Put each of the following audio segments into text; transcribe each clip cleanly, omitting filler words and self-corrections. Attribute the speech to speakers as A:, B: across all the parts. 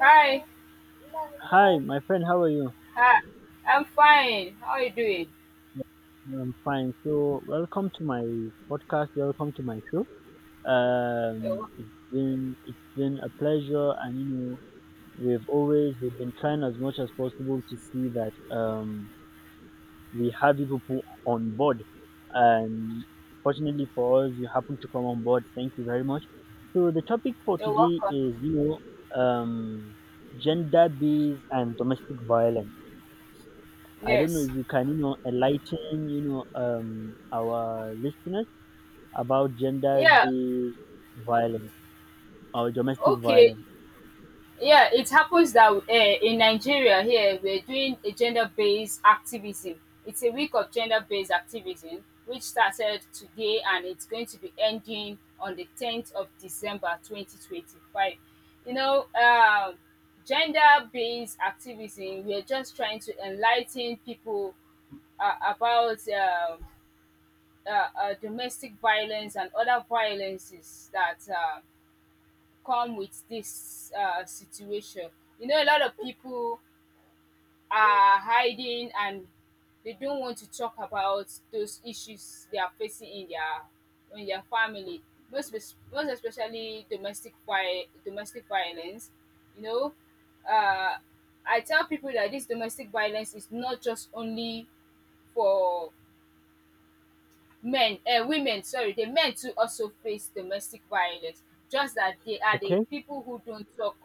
A: Hi,
B: Hi, my friend. How are you?
A: hi. I'm fine. How are you doing?
B: Yeah, I'm fine. So, welcome to my podcast. Welcome to my show.
A: You're,
B: Um, it's been it's been a pleasure, and you know, we've been trying as much as possible to see that we have you people on board, and fortunately for us, you happen to come on board. Thank you very much. So, the topic for
A: you're
B: today
A: welcome.
B: is gender based and domestic violence. I don't know
A: Yes.
B: if you can, you know, enlighten, you know, our listeners about
A: Yeah.
B: gender-based violence or domestic
A: Okay.
B: violence.
A: Yeah. It happens that in Nigeria here we're doing a gender-based activism. It's a week of gender-based activism which started today and it's going to be ending on the 10th of December, 2025. You know, gender-based activism. We're just trying to enlighten people about. Domestic violence and other violences that come with this situation. You know, a lot of people are hiding and they don't want to talk about those issues they are facing in their family. Most especially domestic violence. You know, uh, I tell people that this domestic violence is not just only for men women, sorry, the men too also face domestic violence, just that they are the
B: Okay,
A: people who don't talk.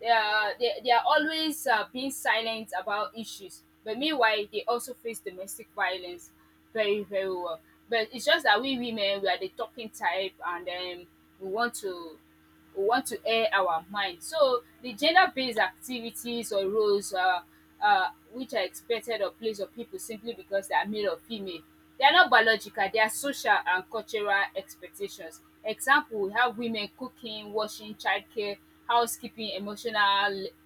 A: They are they are always being silent about issues, but meanwhile they also face domestic violence very very well. But it's just that we women, we are the talking type, and we want to we want to air our mind. So the gender-based activities or roles which are expected or placed on people simply because they are male or female, they are not biological. They are social and cultural expectations. Example: we have women cooking, washing, childcare, housekeeping, emotional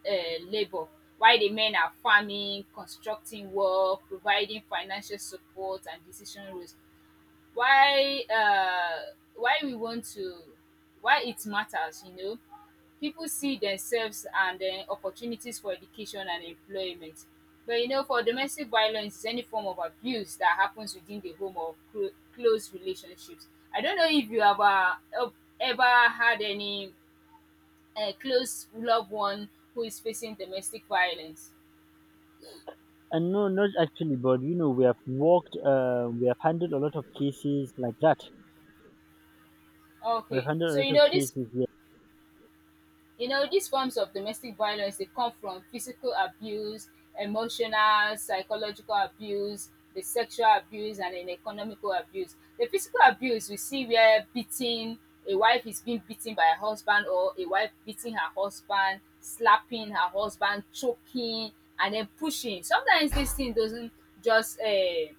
A: labour. While the men are farming, constructing work, providing financial support and decision roles. Why we want to Why it matters, you know, people see themselves and opportunities for education and employment. But you know, for domestic violence is any form of abuse that happens within the home or close relationships. I don't know if you have ever had any close loved one who is facing domestic violence.
B: and no, not actually, but you know, we have worked, we have handled a lot of cases like that. We've
A: Okay,
B: handled a
A: so
B: lot
A: you
B: of
A: know this.
B: cases.
A: You know, these forms of domestic violence, they come from physical abuse, emotional, psychological abuse, the sexual abuse, and then economical abuse. The physical abuse, we see where beating a wife is being beaten by her husband, or a wife beating her husband, slapping her husband, choking, and then pushing. Sometimes this thing doesn't just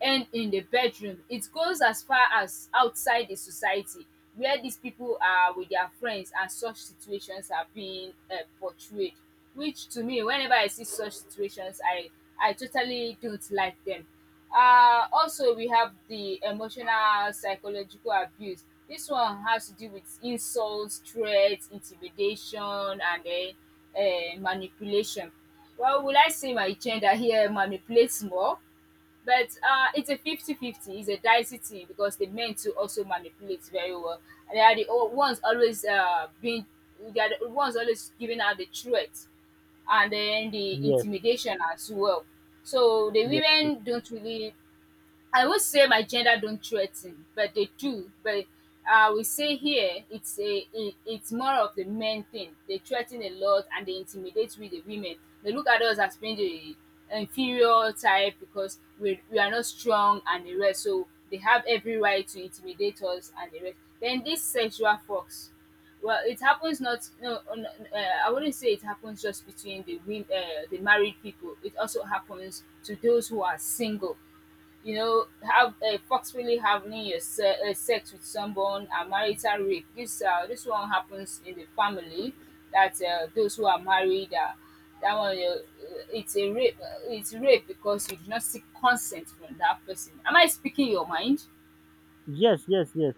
A: end in the bedroom. It goes as far as outside the society, where these people are with their friends and such situations are being portrayed. Which to me, whenever I see such situations, I totally don't like them. Um, also we have the emotional psychological abuse. This one has to do with insults, threats, intimidation, and then manipulation. Well, will I say my gender here manipulates more? But it's a 50-50. It's a dicey thing because the men too also manipulate very well, and they are the ones always being they are the ones always giving out the threats and then the
B: Yes,
A: intimidation as well. So the
B: yes, yes,
A: women don't really, I would say my gender don't threaten, but they do. But I will say here it's it's more of the men thing. They threaten a lot and they intimidate with the women. They look at us as being the inferior type because we are not strong and the rest. So they have every right to intimidate us and the rest. Then this sexual fox. Well, it happens, not no, no no, I wouldn't say it happens just between the women, the married people. It also happens to those who are single. You know, have forcefully having your sex with someone, a marital rape. This one happens in the family. That those who are married, that one it's a rape. It's rape because you do not seek consent from that person. Am I speaking your mind?
B: yes, yes, yes, yes.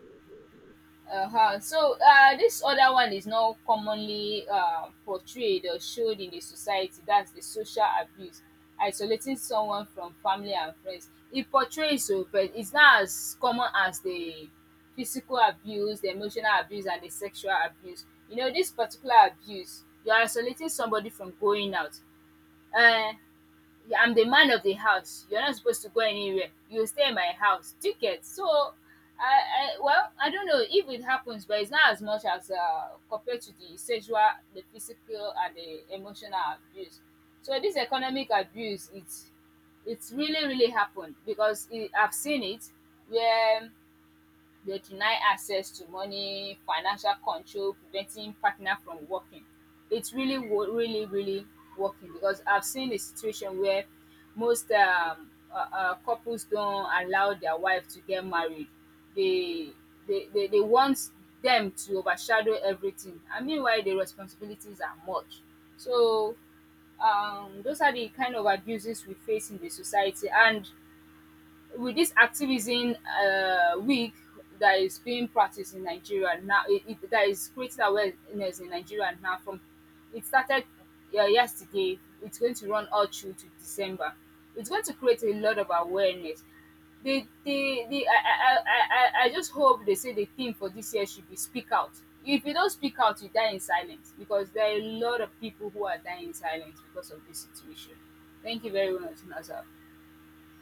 A: Uh-huh. So this other one is not commonly portrayed or showed in the society. That's the social abuse, isolating someone from family and friends. It portrays so, but it's not as common as the physical abuse, the emotional abuse, and the sexual abuse. You know, this particular abuse, you're isolating somebody from going out. Uh, I'm the man of the house. You're not supposed to go anywhere. You stay in my house. Do you get? So, I don't know if it happens, but it's not as much as compared to the sexual, the physical, and the emotional abuse. So this economic abuse, it's really really happened because I've seen it where they deny access to money, financial control, preventing partner from working. It's really, really, really working because I've seen a situation where most couples don't allow their wife to get married. They they want them to overshadow everything. I mean, why the responsibilities are much. So those are the kind of abuses we face in the society. And with this activism week that is being practiced in Nigeria now, that is creating awareness in Nigeria now. From it started yesterday, it's going to run all through to December. It's going to create a lot of awareness. The I just hope they say the theme for this year should be speak out. If you don't speak out, you die in silence, because there are a lot of people who are dying in silence because of this situation. Thank you very much, Nazar.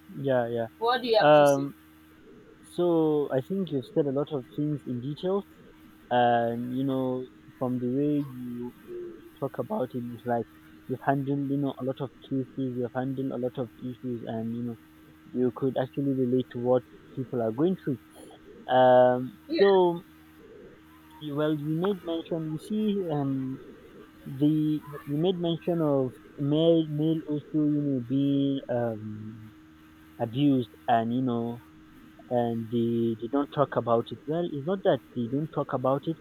B: Yeah, yeah.
A: What do you have to say?
B: Um. So I think you've said a lot of things in detail, and you know, from the way you talk about it, it's like you've handled, you know, a lot of cases, you've handled a lot of issues, and you know, you could actually relate to what people are going through. um
A: Yeah.
B: so you- well, you made mention, you see, the you made mention of male also, you know, being, abused, and you know, and they don't talk about it. Well, it's not that they don't talk about it.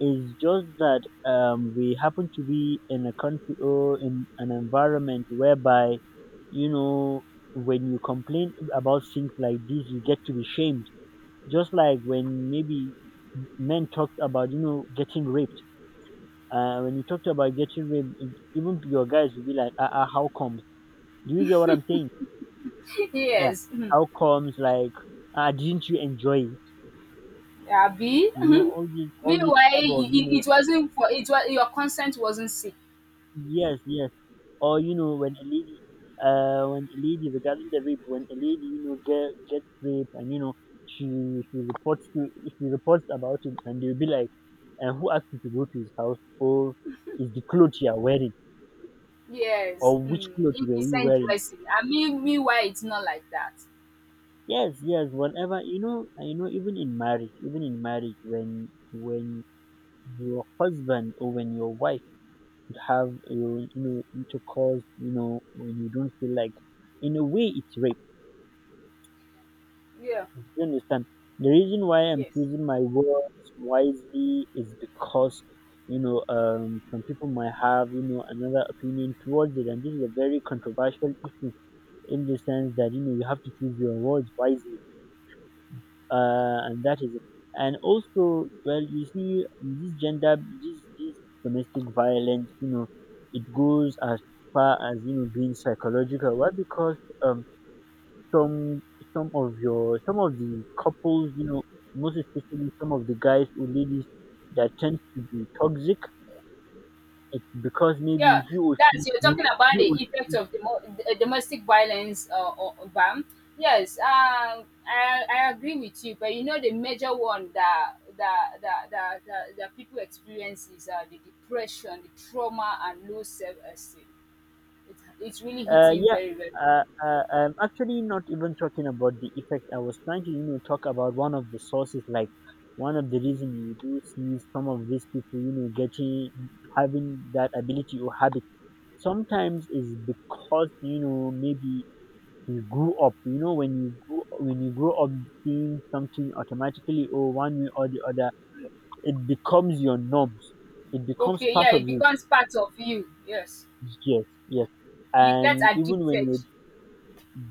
B: It's just that we happen to be in a country or in an environment whereby, you know, when you complain about things like this, you get to be shamed. Just like when maybe men talked about, you know, getting raped. When you talked about getting raped, even your guys will be like, ah, ah, how comes? Do you get what I'm saying? Yeah.
A: Yes. Mhm.
B: How comes? Like, ah, didn't you enjoy it?
A: Abi?
B: You know,
A: Mhm.
B: all these
A: Meanwhile,
B: type of, you
A: I
B: know,
A: it wasn't for it was your consent wasn't seek.
B: yes, yes. Or you know, when a lady, when a lady, regarding the rape, when a lady, you know, gets raped, and you know, she reports to, she reports about it, and they'll be like, and who asked you to go to his house? Or is the clothes you are wearing?
A: Yes.
B: Or which
A: Mm.
B: clothes were you
A: Indecent
B: wearing?
A: dressing. I mean, meanwhile, it's not like that.
B: Yes, yes. Whatever, you know, and you know, even in marriage, when your husband or when your wife have your, you know, intercourse, you know, when you don't feel like, in a way, it's rape.
A: Yeah.
B: You understand? The reason why I'm
A: Yes.
B: choosing my words wisely is because you know, some people might have, you know, another opinion towards it, and this is a very controversial issue in the sense that, you know, you have to choose your words wisely, and that is it. And also, well, you see, this gender, this domestic violence, you know, it goes as far as, you know, being psychological. Why? Because some some of your, some of the couples, you know, most especially some of the guys or ladies that tend to be toxic, it's because maybe
A: Yeah.
B: he or she
A: That's, you're talking
B: grew,
A: about
B: he
A: the
B: or
A: effect
B: she,
A: of domo domestic violence or ban. Yes, I agree with you, but you know the major one that people experience is the depression, the trauma, and low self-esteem. It's really hitting
B: yeah.
A: very well.
B: I'm actually not even talking about the effect. I was trying to, you know, talk about one of the sources, like one of the reason you do see some of these people, you know, getting, having that ability or habit. Sometimes is because, you know, maybe you grew up. You know, when you grew, when you grow up seeing something automatically or one way or the other, it becomes your norms. It becomes
A: Okay,
B: part
A: yeah,
B: of
A: it
B: you.
A: becomes part of you. Yes,
B: Yes, yes.
A: you get
B: And even when
A: addicted.
B: you,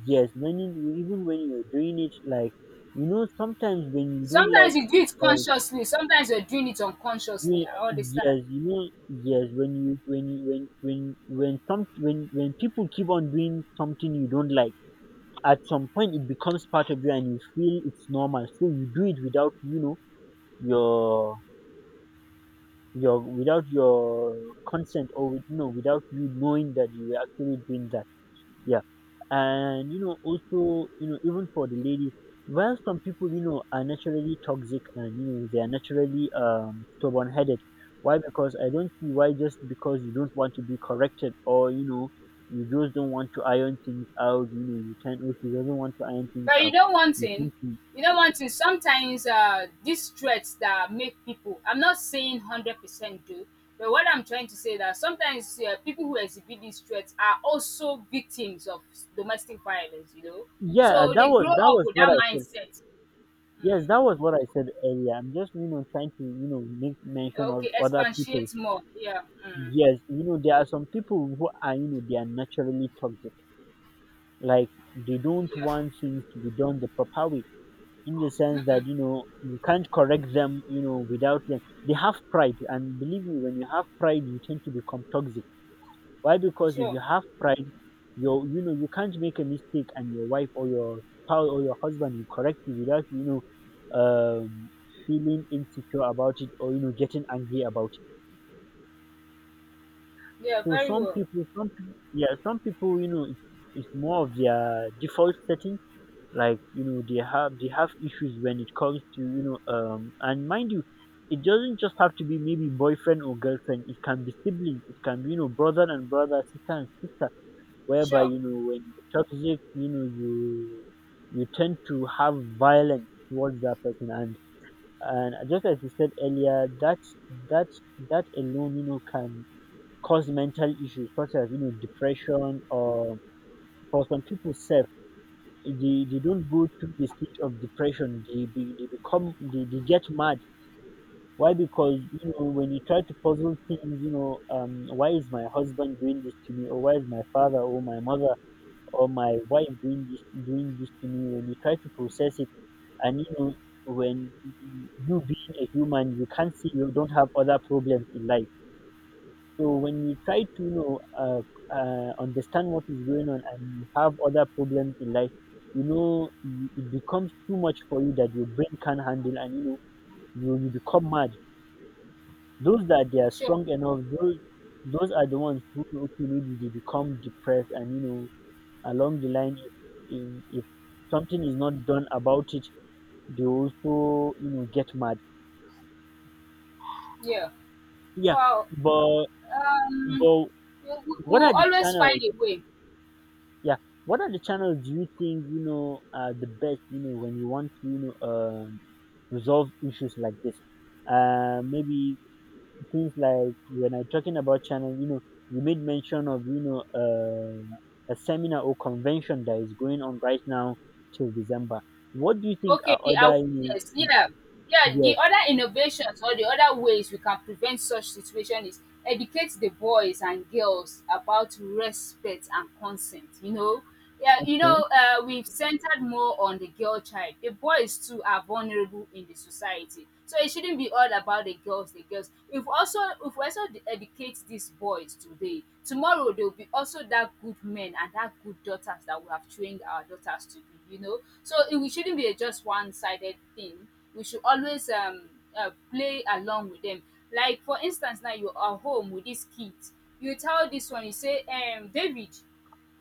B: yes, when you, even when you're doing it, like, you know, sometimes when you don't like,
A: Sometimes you do it
B: uh,
A: consciously. Sometimes you're doing it unconsciously. I understand,
B: yes, you know, yes, when you, when you, when some, when people keep on doing something you don't like, at some point it becomes part of you and you feel it's normal, so you do it without, you know, your your, without your consent, or with no, without you knowing that you were actually doing that, yeah. And you know, also, you know, even for the ladies, while some people, you know, are naturally toxic, and you know they are naturally, stubborn headed. Why? Because I don't see why, just because you don't want to be corrected, or you know, you just don't want to iron things out. You know, you can't. Oh, she doesn't want to iron things
A: but you
B: out.
A: don't want
B: You
A: it.
B: think to,
A: You don't want it. Sometimes these threats that make people. I'm not saying 100% do, but what I'm trying to say that sometimes people who exhibit these threats are also victims of domestic violence. You know,
B: yeah,
A: so
B: that
A: they
B: was,
A: grow
B: that
A: up
B: was
A: with
B: what
A: that
B: I said.
A: mindset.
B: Yes,
A: Mm.
B: that was what I said earlier. I'm just, you know, trying to, you know, make mention of
A: Okay,
B: other people.
A: expatiate more. Yeah. Mm.
B: Yes, you know, there are some people who are, you know, they are naturally toxic. Like, they don't
A: Yeah.
B: want things to be done the proper way, in the sense that, you know, you can't correct them, you know, without them. They have pride. And believe me, when you have pride, you tend to become toxic. Why? Because if
A: Sure.
B: you have pride, you know, you can't make a mistake and your wife or your spouse or your husband will correct you without, you know, um, feeling insecure about it, or, you know, getting angry about it.
A: Yeah,
B: So
A: very well.
B: some people, yeah, some people, you know, it, it's more of their default setting. Like, you know, they have, they have issues when it comes to, you know, and mind you, it doesn't just have to be maybe boyfriend or girlfriend. It can be siblings. It can be, you know, brother and brother, sister and sister. Whereby,
A: Sure.
B: you know, when you're toxic, you know, you tend to have violence towards that person, and just as you said earlier, that, that, that alone, you know, can cause mental issues such as, you know, depression, or for some people, self, they don't go through the stage of depression, they, be, they become, they get mad. Why? Because you know, when you try to puzzle things, you know, why is my husband doing this to me, or why is my father or my mother or my wife doing this, doing this to me? When you try to process it, and you know, when you, being a human, you can't see, you don't have other problems in life. So when you try to, you know, understand what is going on, and you have other problems in life, you know, you- it becomes too much for you that your brain can't handle, and you know, you become mad. Those that they are
A: Sure.
B: strong enough, those are the ones who know, okay, maybe they become depressed, and you know, along the line, if, if something is not done about it, they also, you know, get mad.
A: Yeah.
B: Yeah,
A: Wow.
B: but
A: Um,
B: but what
A: we'll
B: are the
A: always
B: channels?
A: find a way.
B: Yeah. What are the channels do you think, you know, are the best? You know, when you want to, you know, resolve issues like this. Maybe things like, when I talking about channel, you know, you made mention of, you know, a seminar or convention that is going on right now till December. What do you think
A: Okay,
B: are
A: the
B: other, you know,
A: awareness. Yeah. Yeah, the
B: yes,
A: other innovations or the other ways we can prevent such situation is educate the boys and girls about respect and consent, you know. Yeah, you
B: hmm,
A: know, we've centered more on the girl child. The boys too are vulnerable in the society. So it shouldn't be all about the girls, the girls. If we also educate these boys today, tomorrow they'll be also that good men and that good daughters that we have trained our daughters to be, you know. So it, we shouldn't be a just one-sided thing. We should always play along with them. Like for instance now, you are home with this kid, you tell this one, you say David,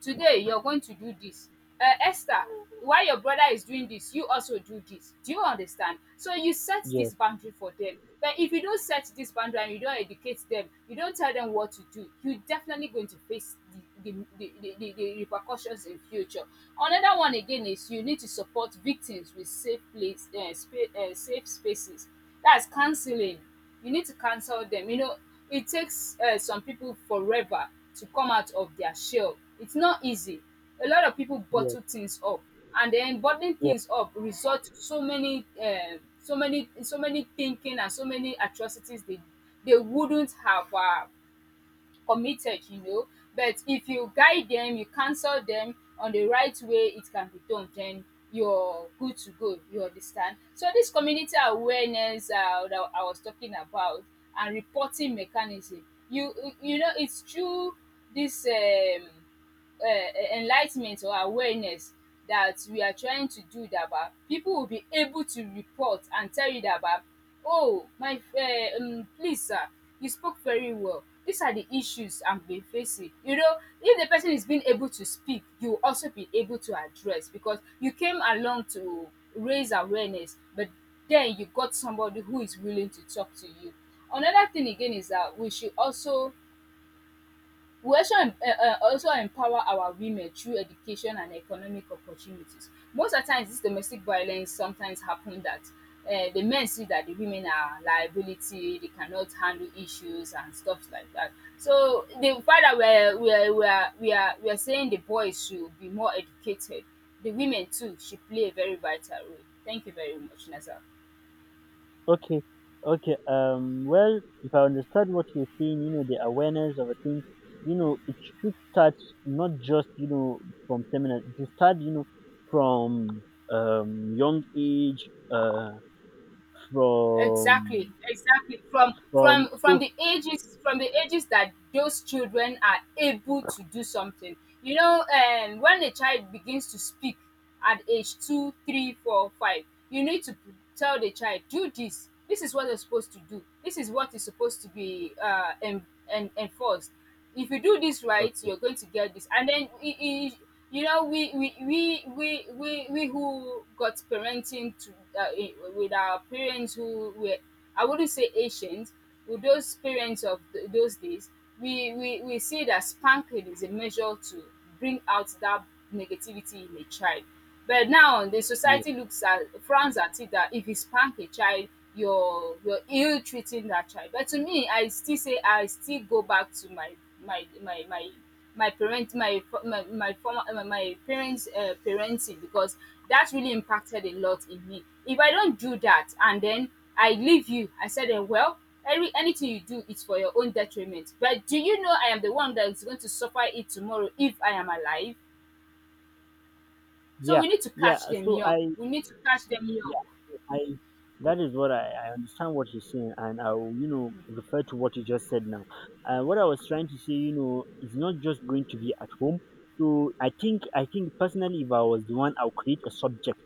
A: today you're going to do this. Uh, Esther, while your brother is doing this, you also do this. Do you understand? So you set
B: yes,
A: this boundary for them. But if you don't set this boundary and you don't educate them, you don't tell them what to do, you're definitely going to face the, the repercussions in future. Another one again is you need to support victims with safe place, safe spaces, that's counseling. You need to cancel them, you know. It takes some people forever to come out of their shell, it's not easy. A lot of people
B: yes,
A: bottle things up, and then bottling
B: yes.
A: things up result to so many um, so many thinking and so many atrocities they wouldn't have committed, you know. But if you guide them, you counsel them on the right way, it can be done. Then you're good to go, you understand? So this community awareness that I was talking about, and reporting mechanism, you know it's through this enlightment or awareness that we are trying to do, that bah, people will be able to report and tell you that bah, oh my please sir, you spoke very well, these are the issues I'm been facing, you know. If the person is being able to speak, you will also be able to address, because you came along to raise awareness, but then you got somebody who is willing to talk to you. Another thing again is that we also, also empower our women through education and economic opportunities. Most of the times, this domestic violence sometimes happen that the men see that the women are liability, they cannot handle issues and stuff like that. So the fact that we are saying the boys should be more educated, the women too should play a very vital role. Thank you very much, Nessa.
B: Okay, okay. Well, if I understand what you're saying, you know, the awareness of a thing, you know, it should start, not just, you know, from seminar. It should start, you know, from young age,
A: Exactly,
B: from,
A: exactly, from
B: from
A: from from
B: so
A: the ages, from the ages that those children are able to do something. You know, and when a child begins to speak at age 2, 3, 4, 5, you need to tell the child do this, this is what you're supposed to do, this is what is supposed to be enforced. If you do this right,
B: okay,
A: you're going to get this. And then you know, we who got parenting to with our parents who were, I wouldn't say ancient, with those parents of those days, we see that spanking is a measure too, bring out that negativity in a child. But now the
B: yeah,
A: society looks at, frowns at it, that if you spank a child, you're ill treating that child. But to me, I still say I still go back to my my my my my parent my my my former my, my parents parenting, because that really impacted a lot in me. If I don't do that, and then I leave you, I said, eh, well, every, anything you do is for your own detriment. But do you know I am the one that is going to suffer it tomorrow if I am alive? So
B: yeah,
A: we need to
B: yeah.
A: catch them
B: So
A: young.
B: I,
A: We need to catch them young
B: yeah, I, that is what I understand what you're saying, and I'll, you know, refer to what you just said now. What I was trying to say, you know, is not just going to be at home. So I think personally, if I was the one, I'll create a subject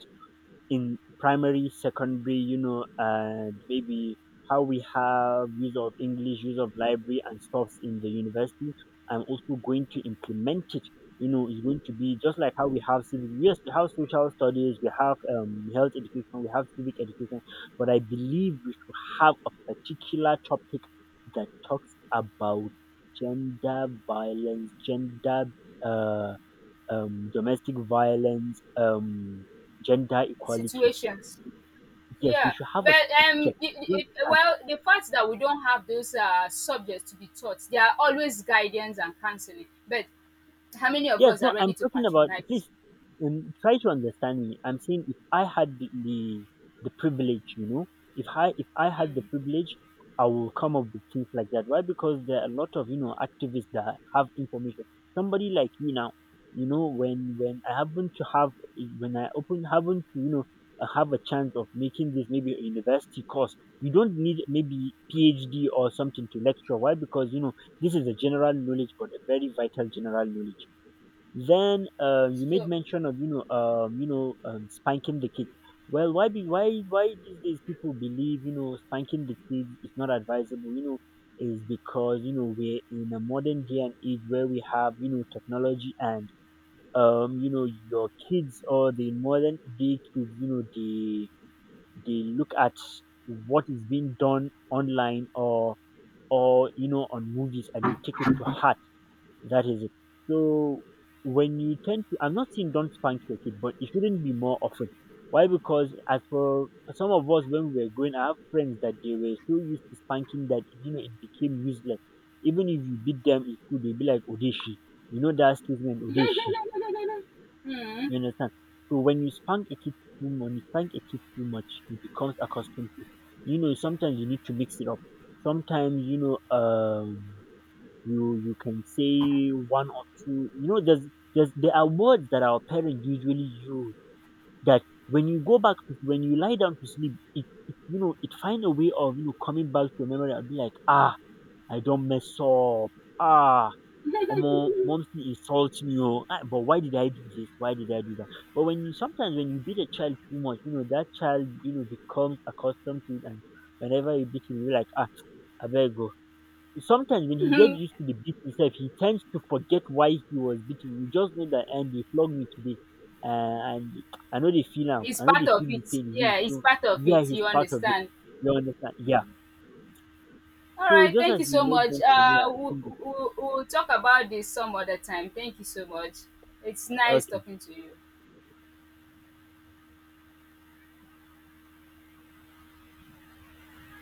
B: in primary, secondary, you know, and maybe how we have use of English, use of library and stuff in the university. I'm also going to implement it. You know, it's going to be just like how we have civic. Yes, we have social studies, we have, health education, we have civic education, but I believe we should have a particular topic that talks about gender violence, gender, uh, domestic violence, gender equality.
A: situations.
B: Yes, we
A: Yeah,
B: should have a
A: but
B: step check. You understand?
A: well, the fact that we don't have those subjects to be taught, there are always guidance and counseling. But how many of
B: Yes,
A: us are
B: no,
A: ready
B: I'm
A: to
B: talking about,
A: patronize?
B: please, try to understand me. I'm saying if I had the privilege, you know, if I, if I had the privilege, I will come up with things like that. Why? Because there are a lot of, you know, activists that have information. Somebody like you now, you know, when I happen to have, when I open happen to, you know, have a chance of making this maybe a university course, you don't need maybe PhD or something to lecture. Why? Because you know, this is a general knowledge, but a very vital general knowledge. Then, you made
A: So.
B: mention of, you know, you know, spanking the kids. Well, why be why these days people believe, you know, spanking the kids is not advisable? You know, is because you know, we're in a modern day and age where we have, you know, technology and, you know, your kids, or the modern day kids, you know, they look at what is being done online, or, you know, on movies, and they take it to heart, that is it. So when you tend to, I'm not saying don't spank your kid, but it shouldn't be more often. Why? Because as for some of us, when we were growing, I have friends that they were so used to spanking that you know it became useless. Even if you beat them in school, they'd be like odeshi. You know that statement, odeshi. You understand? So when you spank a kid too much, you spank a kid too much, he becomes accustomed to it. You know, sometimes you need to mix it up. Sometimes you know, you, you can say one or two, you know, there's, there are words that our parents usually use that when you go back to, when you lie down to sleep, it, you know, it find a way of, you know, coming back to your memory, and be like, ah, I don't mess up, ah, Omo, mom insult me, oh, ah, but why did I do this? Why did I do that? But when you, sometimes when you beat a child too much, you know, that child, you know, becomes accustomed to it, and whenever you beat him, you're like, ah, I better go. Sometimes when he gets
A: Mm.
B: used to the beat himself, he tends to forget why he was beaten. You just know that and they flogged me today. And I know they feel am.
A: It's
B: I know
A: part
B: they
A: of
B: feel the
A: it.
B: pain again.
A: Yeah, it's
B: So
A: part of
B: yeah,
A: it.
B: he's
A: You
B: part of it.
A: understand?
B: You understand? Yeah.
A: All
B: So
A: right,
B: just
A: thank you
B: as you
A: so
B: made
A: much.
B: mention, yeah, I think it's
A: We'll talk about this some other time. Thank you so much. It's nice
B: okay.
A: talking to you.